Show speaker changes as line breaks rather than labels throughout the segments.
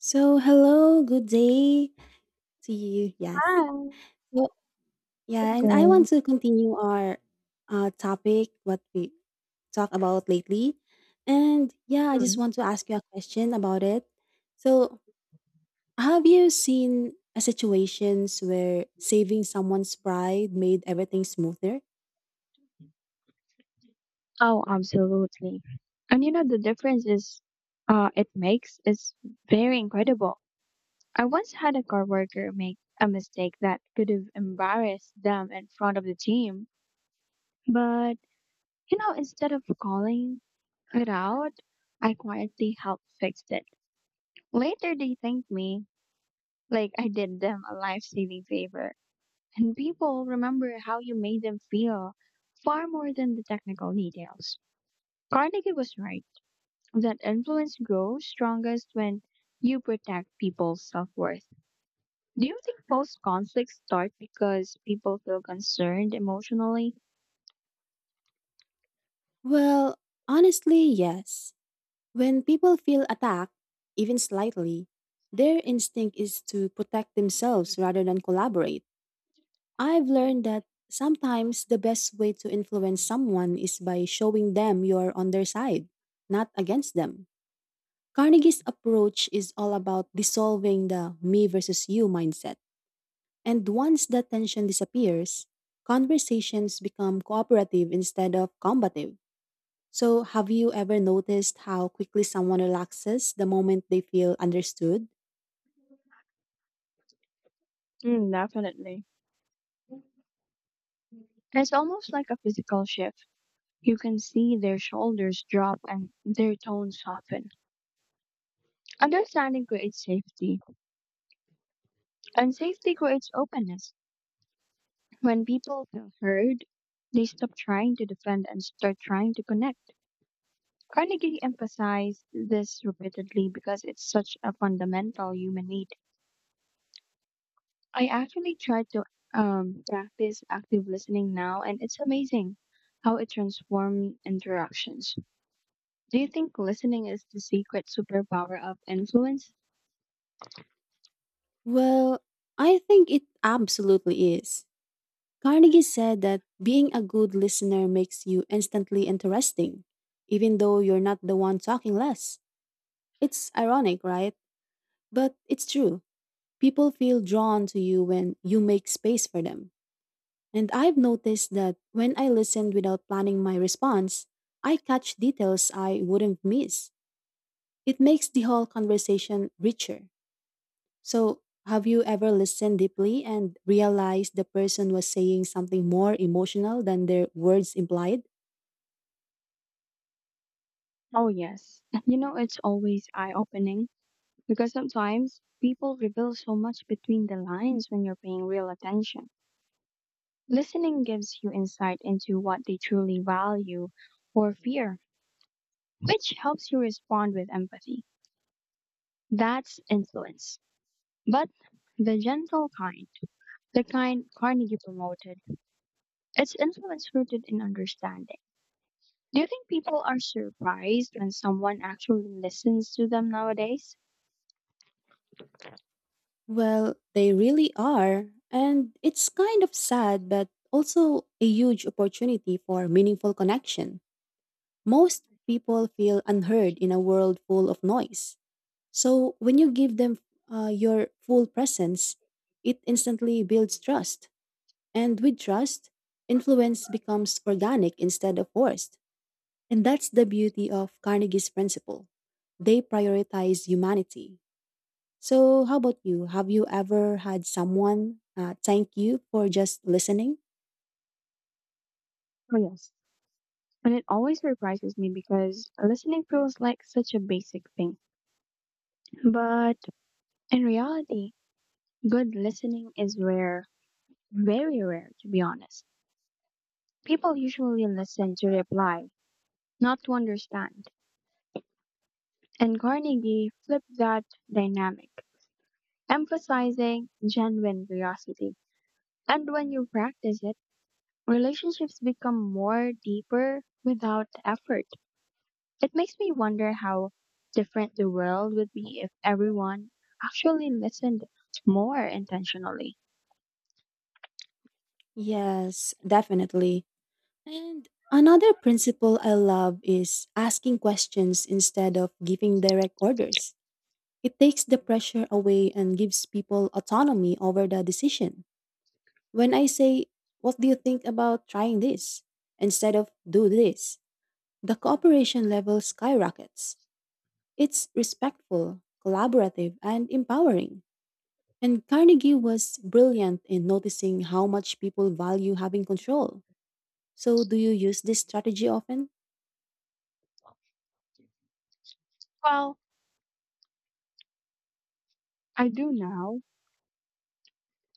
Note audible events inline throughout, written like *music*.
So, hello, good day to you. Yes.
Hi,
So, yeah,
good
and I want
day.
to continue our topic, what we talk about lately. And yeah, I just
Mm.
want to ask you a question about it. So, have you seen a situations where saving someone's pride made everything smoother?
Oh, absolutely. And you know, the difference is it makes is very incredible. I once had a coworker make a mistake that could have embarrassed them in front of the team, but you know, instead of calling it out, I quietly helped fix it. Later, they thanked me like I did them a life-saving favor, and people remember how you made them feel far more than the technical details. Carnegie was right that influence grows strongest when you protect people's self worth. Do you think most conflicts start because people feel concerned emotionally?
Well, honestly, yes. When people feel attacked, even slightly, their instinct is to protect themselves rather than collaborate. I've learned that sometimes the best way to influence someone is by showing them you're on their side, not against them. Carnegie's approach is all about dissolving the me versus you mindset. And once that tension disappears, conversations become cooperative instead of combative. So, have you ever noticed how quickly someone relaxes the moment they feel understood?
Mm, definitely. It's almost like a physical shift. You can see their shoulders drop and their tone soften. Understanding creates safety, and safety creates openness. When people feel heard, they stop trying to defend and start trying to connect. Carnegie emphasized this repeatedly because it's such a fundamental human need. I actually try to practice active listening now, and it's amazing how it transforms interactions. Do you think listening is the secret superpower of influence?
Well, I think it absolutely is. Carnegie said that being a good listener makes you instantly interesting, even though you're not the one talking less. It's ironic, right? But it's true. People feel drawn to you when you make space for them. And I've noticed that when I listened without planning my response, I catch details I wouldn't miss. It makes the whole conversation richer. So, have you ever listened deeply and realized the person was saying something more emotional than their words implied?
Oh, yes. *laughs* You know, it's always eye opening because sometimes people reveal so much between the lines when you're paying real attention. Listening gives you insight into what they truly value or fear, which helps you respond with empathy. That's influence. But the gentle kind, the kind Carnegie promoted, it's influence rooted in understanding. Do you think people are surprised when someone actually listens to them nowadays?
Well, they really are. And it's kind of sad, but also a huge opportunity for meaningful connection. Most people feel unheard in a world full of noise. So when you give them your full presence, it instantly builds trust. And with trust, influence becomes organic instead of forced. And that's the beauty of Carnegie's principle. They prioritize humanity. So, how about you? Have you ever had someone thank you for just listening?
Oh, yes. And it always surprises me because listening feels like such a basic thing. But in reality, good listening is rare, very rare, to be honest. People usually listen to reply, not to understand. And Carnegie flipped that dynamic, emphasizing genuine curiosity. And when you practice it, relationships become more deeper without effort. It makes me wonder how different the world would be if everyone actually listened more intentionally.
Yes, definitely. And another principle I love is asking questions instead of giving direct orders. It takes the pressure away and gives people autonomy over the decision. When I say, What do you think about trying this? Instead of do this, the cooperation level skyrockets. It's respectful, collaborative, and empowering. And Carnegie was brilliant in noticing how much people value having control. So, do you use this strategy often?
Well, I do now.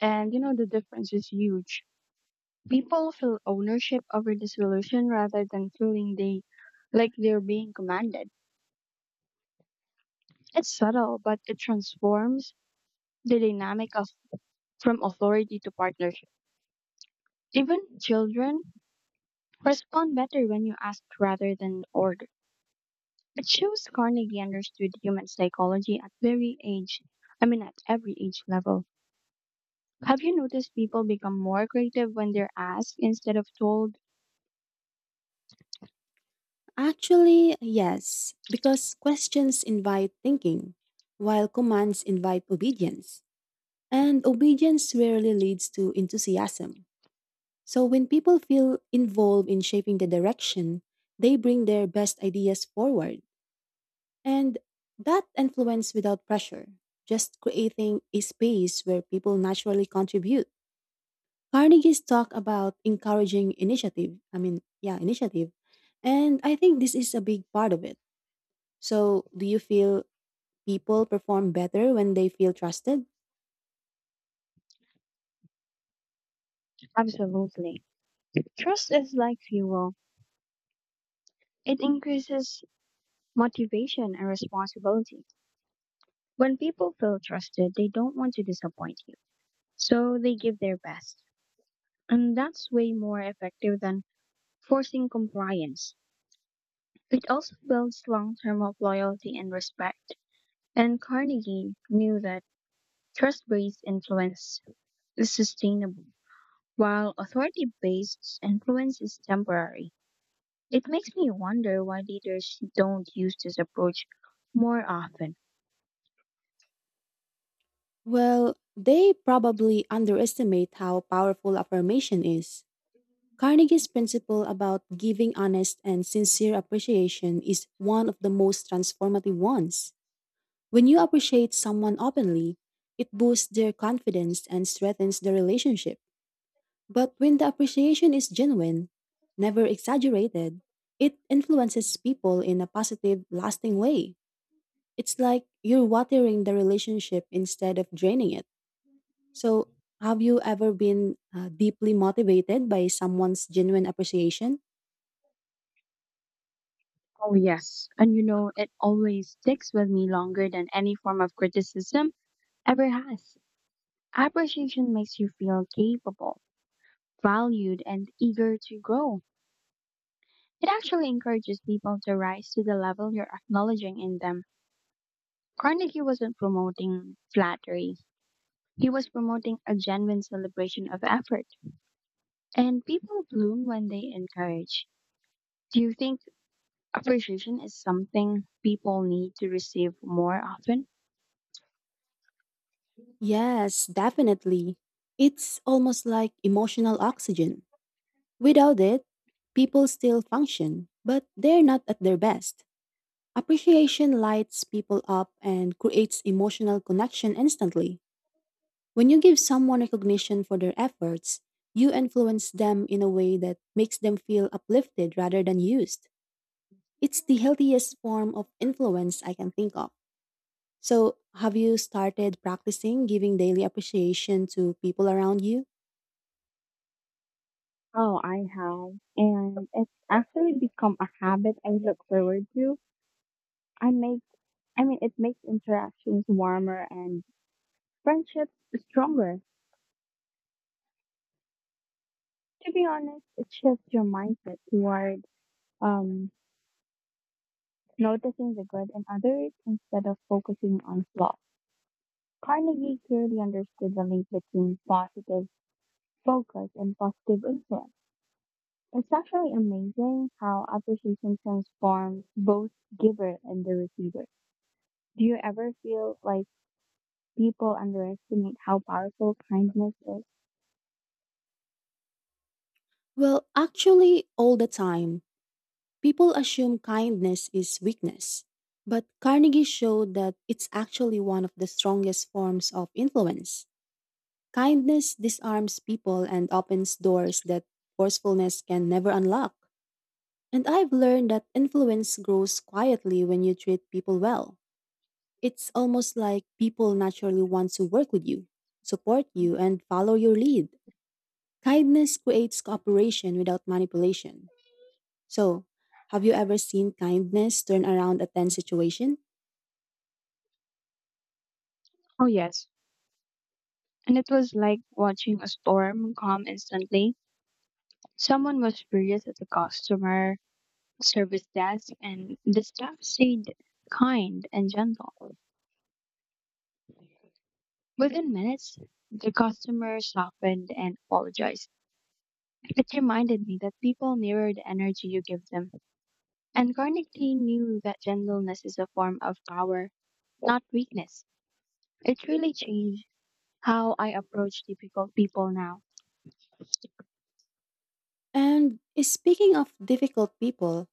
And you know, the difference is huge. People feel ownership over the solution rather than feeling they like they're being commanded. It's subtle, but it transforms the dynamic of from authority to partnership. Even children respond better when you ask rather than order. It shows Carnegie understood human psychology at very age. I mean, at every age level. Have you noticed people become more creative when they're asked instead of told?
Actually, yes, because questions invite thinking, while commands invite obedience. And obedience rarely leads to enthusiasm. So, when people feel involved in shaping the direction, they bring their best ideas forward. And that influence without pressure, just creating a space where people naturally contribute. Carnegie's talk about encouraging initiative. I mean, yeah, initiative. And I think this is a big part of it. So, do you feel people perform better when they feel trusted?
Absolutely. Trust is like fuel. It increases motivation and responsibility. When people feel trusted, they don't want to disappoint you. So they give their best. And that's way more effective than forcing compliance. It also builds long term of loyalty and respect. And Carnegie knew that trust based influence is sustainable, while authority based influence is temporary. It makes me wonder why leaders don't use this approach more often.
Well, they probably underestimate how powerful affirmation is. Carnegie's principle about giving honest and sincere appreciation is one of the most transformative ones. When you appreciate someone openly, it boosts their confidence and strengthens the relationship. But when the appreciation is genuine, never exaggerated, it influences people in a positive, lasting way. It's like you're watering the relationship instead of draining it. So, have you ever been deeply motivated by someone's genuine appreciation?
Oh, yes. And you know, it always sticks with me longer than any form of criticism ever has. Appreciation makes you feel capable, valued, and eager to grow. It actually encourages people to rise to the level you're acknowledging in them. Carnegie wasn't promoting flattery. He was promoting a genuine celebration of effort. And people bloom when they encourage. Do you think appreciation is something people need to receive more often?
Yes, definitely. It's almost like emotional oxygen. Without it, people still function, but they're not at their best. Appreciation lights people up and creates emotional connection instantly. When you give someone recognition for their efforts, you influence them in a way that makes them feel uplifted rather than used. It's the healthiest form of influence I can think of. So, have you started practicing giving daily appreciation to people around you?
Oh, I have. And it's actually become a habit I look forward to. I make I mean, it makes interactions warmer and friendships stronger. To be honest, it shifts your mindset toward um, noticing the good in others instead of focusing on flaws. Carnegie clearly understood the link between positive focus and positive influence. It's actually amazing how appreciation transforms both giver and the receiver. Do you ever feel like people underestimate how powerful kindness is?
Well, actually, all the time. People assume kindness is weakness, but Carnegie showed that it's actually one of the strongest forms of influence. Kindness disarms people and opens doors that forcefulness can never unlock. And I've learned that influence grows quietly when you treat people well. It's almost like people naturally want to work with you, support you, and follow your lead. Kindness creates cooperation without manipulation. So, have you ever seen kindness turn around a tense situation?
Oh, yes, and it was like watching a storm calm instantly. Someone was furious at the customer service desk, and the staff stayed kind and gentle. Within minutes, the customer softened and apologized. It reminded me that people mirror the energy you give them, and Carnegie knew that gentleness is a form of power, not weakness. It really changed how I approach difficult people now.
And speaking of difficult people,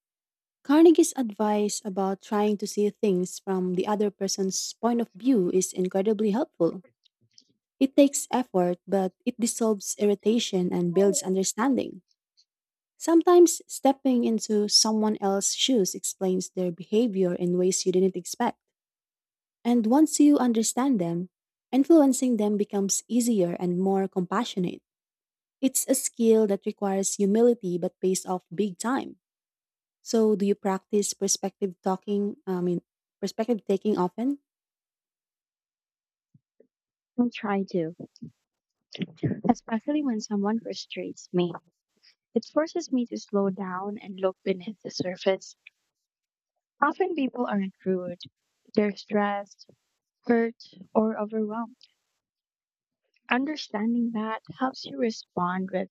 Carnegie's advice about trying to see things from the other person's point of view is incredibly helpful. It takes effort, but it dissolves irritation and builds understanding. Sometimes stepping into someone else's shoes explains their behavior in ways you didn't expect. And once you understand them, influencing them becomes easier and more compassionate. It's a skill that requires humility but pays off big time. So, do you practice perspective talking? I mean, perspective taking often?
I try to, especially when someone frustrates me. It forces me to slow down and look beneath the surface. Often people aren't rude, they're stressed, hurt, or overwhelmed. Understanding that helps you respond with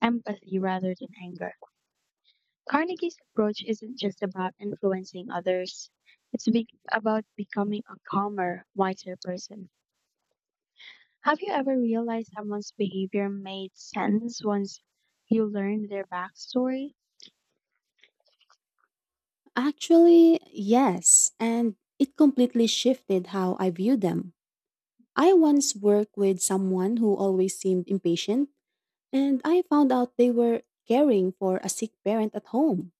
empathy rather than anger. Carnegie's approach isn't just about influencing others, it's about becoming a calmer, wiser person. Have you ever realized someone's behavior made sense once you learned their backstory?
Actually, yes. And it completely shifted how I view them. I once worked with someone who always seemed impatient, and I found out they were caring for a sick parent at home.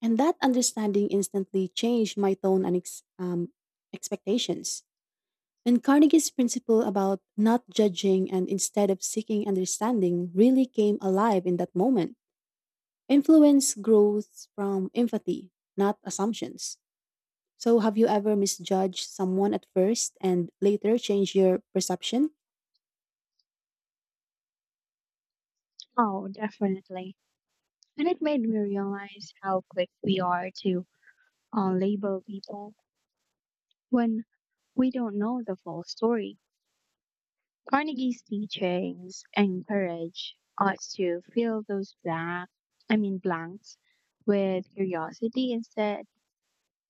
And that understanding instantly changed my tone and expectations. And Carnegie's principle about not judging and instead of seeking understanding really came alive in that moment. Influence grows from empathy, not assumptions. So, have you ever misjudged someone at first and later changed your perception?
Oh, definitely. And it made me realize how quick we are to label people when we don't know the full story. Carnegie's teachings encourage us to fill those black, I mean blanks, with curiosity instead.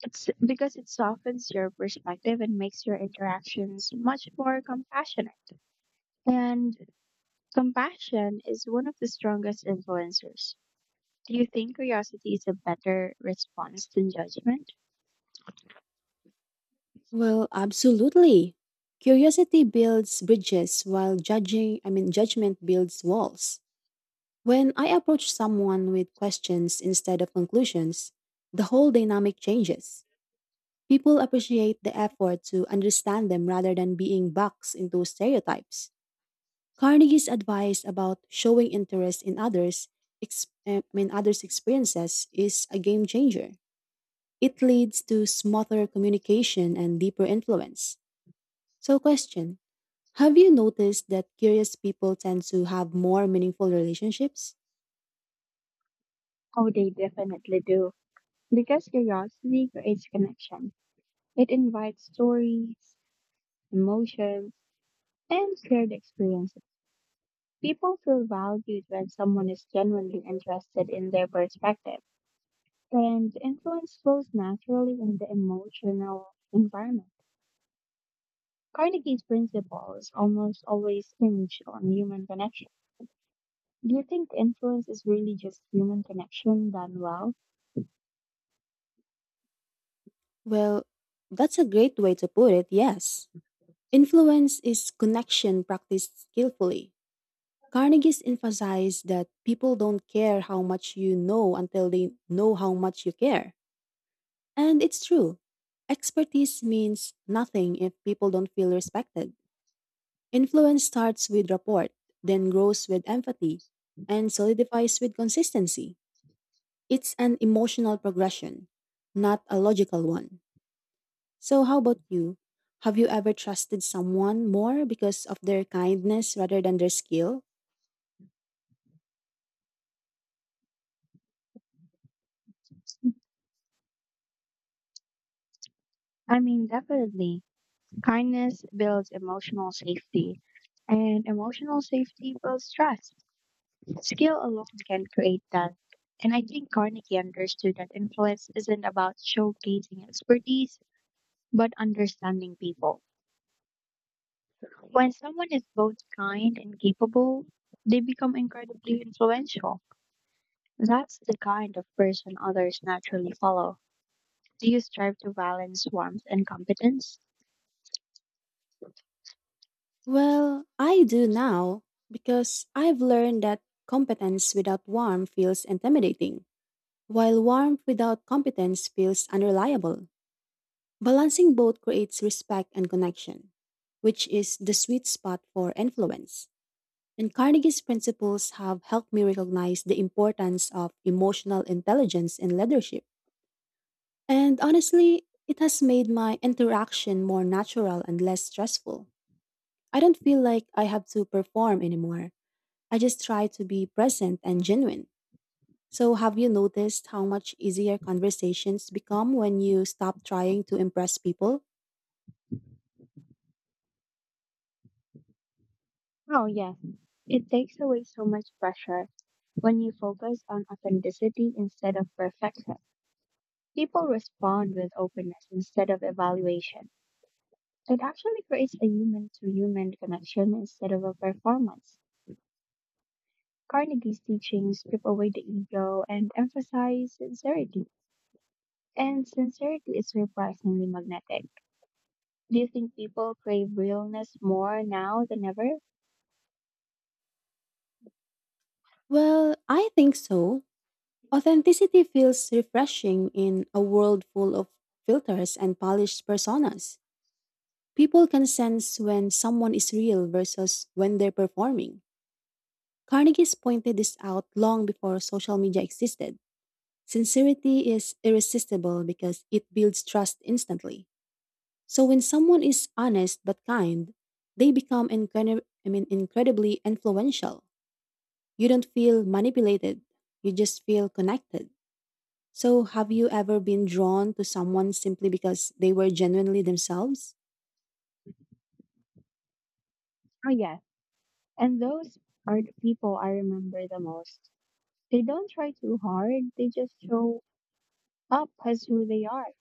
It's because it softens your perspective and makes your interactions much more compassionate. And compassion is one of the strongest influencers. Do you think curiosity is a better response than judgment?
Well, absolutely. Curiosity builds bridges while judging, I mean, judgment builds walls. When I approach someone with questions instead of conclusions, the whole dynamic changes. People appreciate the effort to understand them rather than being boxed into stereotypes. Carnegie's advice about showing interest in others, ex- I mean others' experiences, is a game changer. It leads to smoother communication and deeper influence. So, question: Have you noticed that curious people tend to have more meaningful relationships?
Oh, they definitely do, because curiosity creates connection. It invites stories, emotions, and shared experiences. People feel valued when someone is genuinely interested in their perspective, and influence flows naturally in the emotional environment. Carnegie's principles almost always hinge on human connection. Do you think influence is really just human connection done well?
Well, that's a great way to put it. Yes, influence is connection practiced skillfully. Carnegie's emphasized that people don't care how much you know until they know how much you care. And it's true. Expertise means nothing if people don't feel respected. Influence starts with rapport, then grows with empathy, and solidifies with consistency. It's an emotional progression, not a logical one. So, how about you? Have you ever trusted someone more because of their kindness rather than their skill?
I mean, definitely. Kindness builds emotional safety, and emotional safety builds trust. Skill alone can create that. And I think Carnegie understood that influence isn't about showcasing expertise, but understanding people. When someone is both kind and capable, they become incredibly influential. That's the kind of person others naturally follow. Do you strive to balance warmth and competence?
Well, I do now because I've learned that competence without warmth feels intimidating, while warmth without competence feels unreliable. Balancing both creates respect and connection, which is the sweet spot for influence. And Carnegie's principles have helped me recognize the importance of emotional intelligence in leadership. And honestly, it has made my interaction more natural and less stressful. I don't feel like I have to perform anymore. I just try to be present and genuine. So, have you noticed how much easier conversations become when you stop trying to impress people?
Oh, yes, it takes away so much pressure when you focus on authenticity instead of perfection. People respond with openness instead of evaluation. It actually creates a human to human connection instead of a performance. Carnegie's teachings strip away the ego and emphasize sincerity. And sincerity is surprisingly magnetic. Do you think people crave realness more now than ever?
Well, I think so. Authenticity feels refreshing in a world full of filters and polished personas. People can sense when someone is real versus when they're performing. Carnegie's pointed this out long before social media existed. Sincerity is irresistible because it builds trust instantly. So when someone is honest but kind, they become incredibly influential. You don't feel manipulated, you just feel connected. So have you ever been drawn to someone simply because they were genuinely themselves?
Oh, yes. And those are the people I remember the most. They don't try too hard, they just show up as who they are.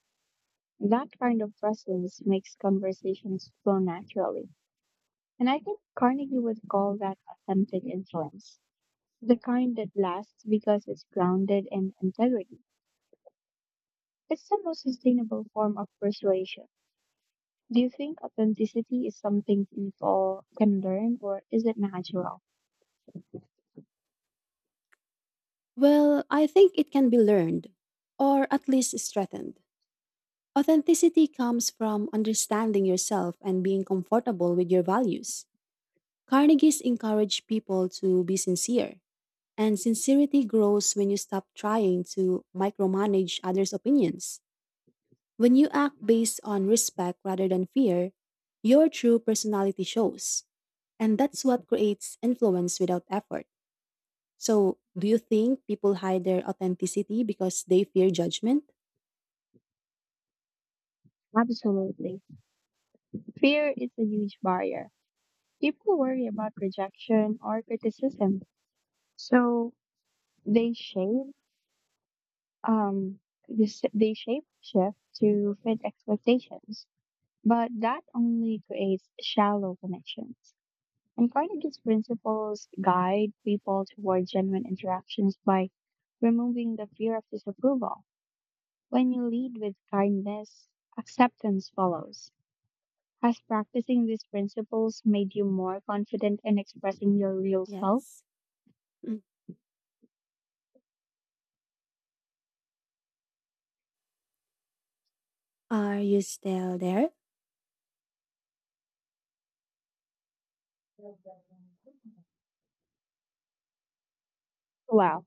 That kind of presence makes conversations flow naturally. And I think Carnegie would call that authentic influence, the kind that lasts because it's grounded in integrity. It's the most sustainable form of persuasion. Do you think authenticity is something people can learn or is it natural?
Well, I think it can be learned, or at least strengthened. Authenticity comes from understanding yourself and being comfortable with your values. Carnegies encourage people to be sincere. And sincerity grows when you stop trying to micromanage others' opinions. When you act based on respect rather than fear, your true personality shows. And that's what creates influence without effort. So, do you think people hide their authenticity because they fear judgment?
Absolutely. Fear is a huge barrier. People worry about rejection or criticism, so they shape um they shape shift to fit expectations. But that only creates shallow connections. And Carnegie's principles guide people toward genuine interactions by removing the fear of disapproval. When you lead with kindness, acceptance follows. Has practicing these principles made you more confident in expressing your real self?
Yes. Mm. Are you still there?
Wow.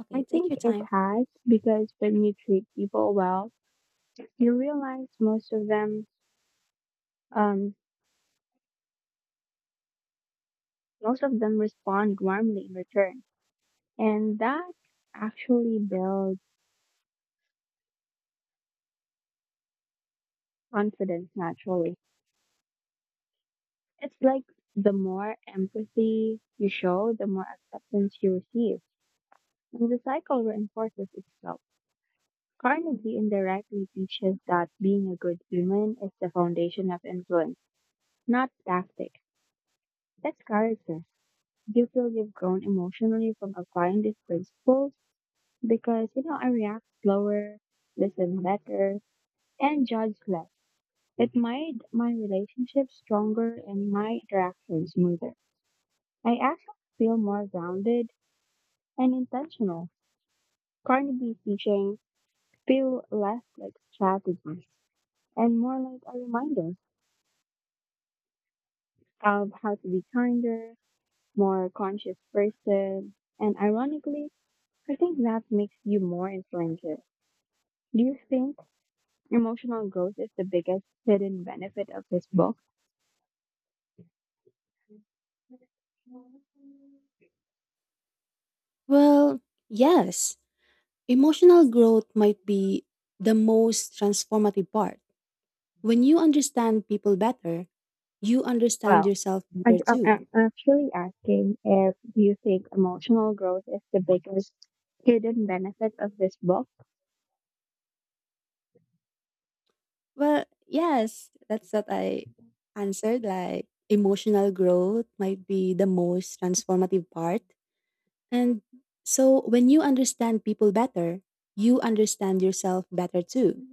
Okay,
I
take your
think it
time.
has because when you treat people well, you realize um most of them respond warmly in return. And that actually builds confidence naturally. It's like the more empathy you show, the more acceptance you receive. And the cycle reinforces itself. Carnegie indirectly teaches that being a good human is the foundation of influence, not tactics. That's character. Do you feel you've grown emotionally from applying these principles? Because, you know, I react slower, listen better, and judge less. It made my relationships stronger and my interactions smoother. I actually feel more grounded and intentional. Carnegie teaching feel less like strategies and more like a reminder of how to be kinder, more conscious person. And ironically, I think that makes you more influential. Do you think emotional growth is the biggest hidden benefit of this book?
Well, yes. Emotional growth might be the most transformative part. When you understand people better, you understand
Well,
yourself
I,
better
I'm
too.
I'm actually asking if do you think emotional growth is the biggest hidden benefit of this book?
Well, yes, that's what I answered. Like, emotional growth might be the most transformative part. And so, when you understand people better, you understand yourself better too.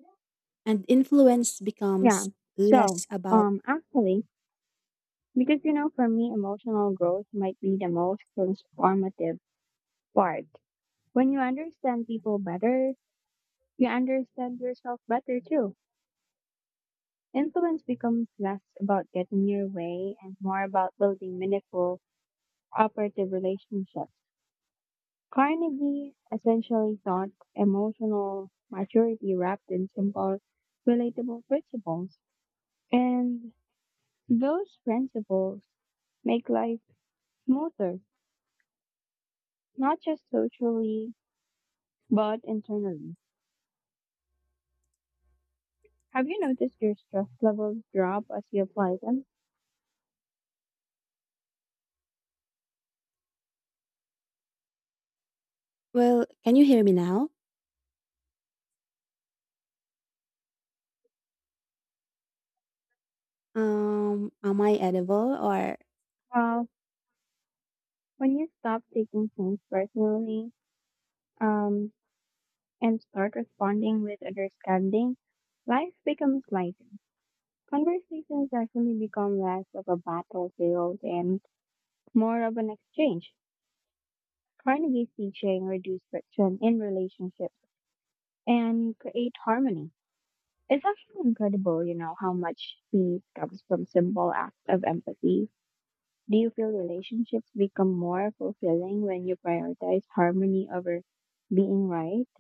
And influence
Yeah.
becomes
So,
less about,
actually, because you know, for me, emotional growth might be the most transformative part. When you understand people better, you understand yourself better too. Influence becomes less about getting your way and more about building meaningful, cooperative relationships. Carnegie essentially taught emotional maturity wrapped in simple, relatable principles. And those principles make life smoother, not just socially, but internally. Have you noticed your stress levels drop as you apply them?
well, can you hear me now? Am I edible or,
Well, when you stop taking things personally, um, and start responding with understanding, life becomes lighter. Conversations actually become less of a battlefield and more of an exchange. Carnegie's teaching reduced friction in relationships and create harmony. It's actually incredible, you know, how much peace comes from simple acts of empathy. Do you feel relationships become more fulfilling when you prioritize harmony over being right?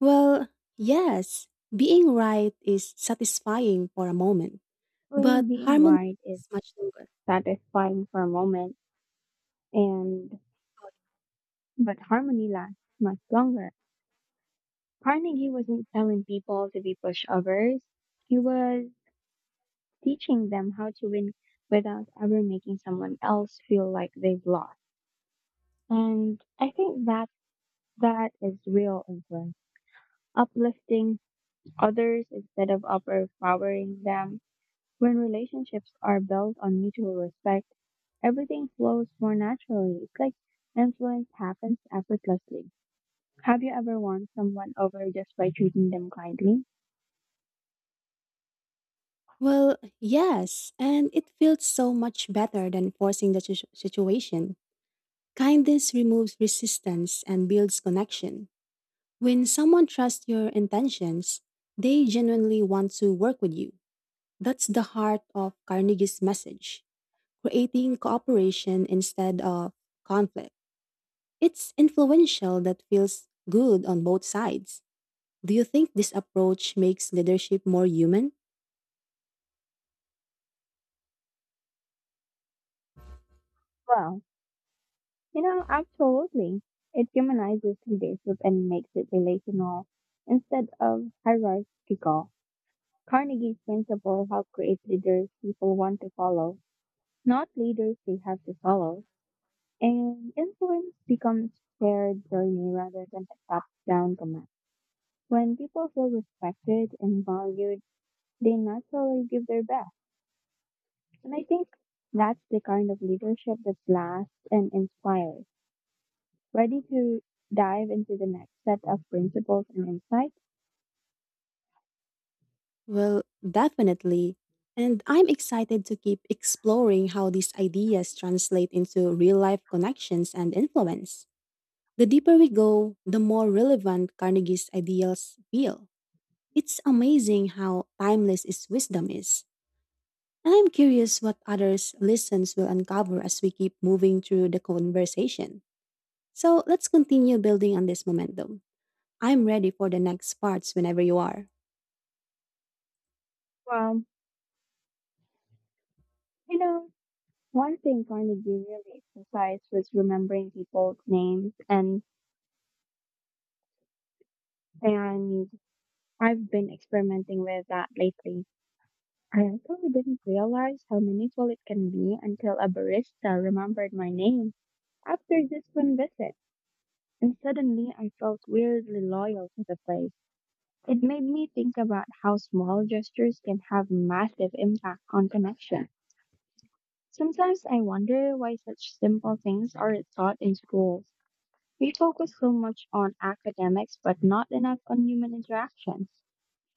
well, yes, being right is satisfying for a moment.
Actually,
But
being
harmony
right is
lasts much longer.
satisfying for a moment. And but harmony lasts much longer. Carnegie wasn't telling people to be pushovers. He was teaching them how to win without ever making someone else feel like they've lost. And I think that is real influence. Uplifting others instead of overpowering them. When relationships are built on mutual respect, everything flows more naturally. It's like influence happens effortlessly. Have you ever won someone over just by treating them kindly?
Well, yes, and it feels so much better than forcing the situation. Kindness removes resistance and builds connection. When someone trusts your intentions, they genuinely want to work with you. That's the heart of Carnegie's message, creating cooperation instead of conflict. It's influential that feels good on both sides. Do you think this approach makes leadership more human?
Well, you know, absolutely. It humanizes leadership and makes it relational instead of hierarchical. Carnegie's principle help create leaders people want to follow, not leaders they have to follow. And influence becomes shared journey rather than a top-down command. When people feel respected and valued, they naturally give their best. And I think that's the kind of leadership that lasts and inspires. Ready to dive into the next set of principles and insights?
Well, definitely. And I'm excited to keep exploring how these ideas translate into real life connections and influence. The deeper we go, the more relevant Carnegie's ideals feel. It's amazing how timeless his wisdom is. And I'm curious what others' listens will uncover as we keep moving through the conversation. So let's continue building on this momentum. I'm ready for the next parts whenever you are.
Well, you know, one thing Carnegie really emphasized was remembering people's names, and I've been experimenting with that lately. I actually didn't realize how meaningful it can be until a barista remembered my name after just one visit. And suddenly I felt weirdly loyal to the place. It made me think about how small gestures can have massive impact on connection. Sometimes I wonder why such simple things aren't taught in schools. We focus so much on academics but not enough on human interaction.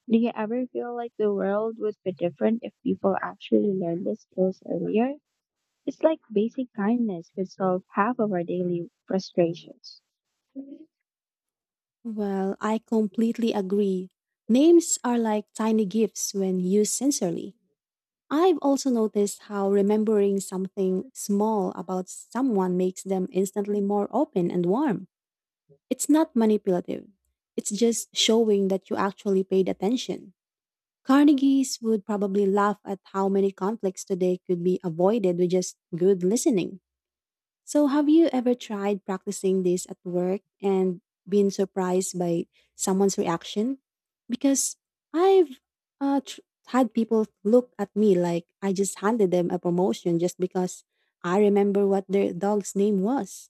Do you ever feel like the world would be different if people actually learned these skills earlier? It's like basic kindness could solve half of our daily frustrations.
Well, I completely agree. Names are like tiny gifts when used sincerely. I've also noticed how remembering something small about someone makes them instantly more open and warm. It's not manipulative, it's just showing that you actually paid attention. Carnegie's would probably laugh at how many conflicts today could be avoided with just good listening. So, have you ever tried practicing this at work and been surprised by someone's reaction? Because I've uh, tr- had people look at me like I just handed them a promotion just because I remember what their dog's name was.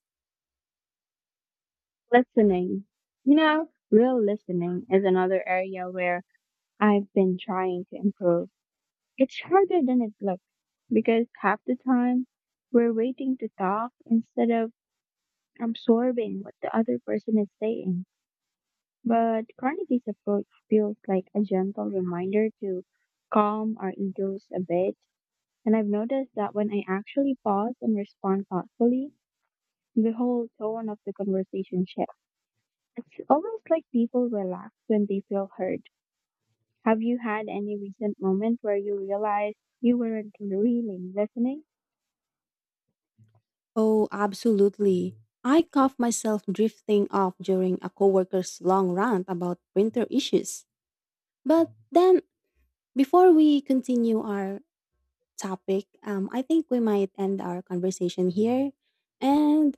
Listening. You know, real listening is another area where I've been trying to improve. It's harder than it looks because half the time we're waiting to talk instead of absorbing what the other person is saying. But Carnegie's approach feels like a gentle reminder to calm our egos a bit. And I've noticed that when I actually pause and respond thoughtfully, the whole tone of the conversation shifts. It's almost like people relax when they feel heard. Have you had any recent moment where you realized you weren't really listening?
Oh, absolutely. I caught myself drifting off during a coworker's long rant about printer issues. But then, before we continue our topic, I think we might end our conversation here. And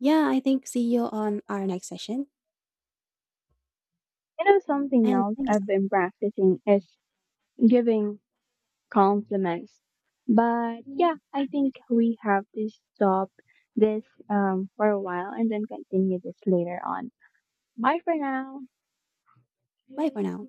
yeah, I think see you on our next session.
You know, something
And
else
thank you so
I've
much.
been practicing is giving compliments. But yeah, I think we have to stop this for a while and then continue this later on. Bye for now.
Bye for now.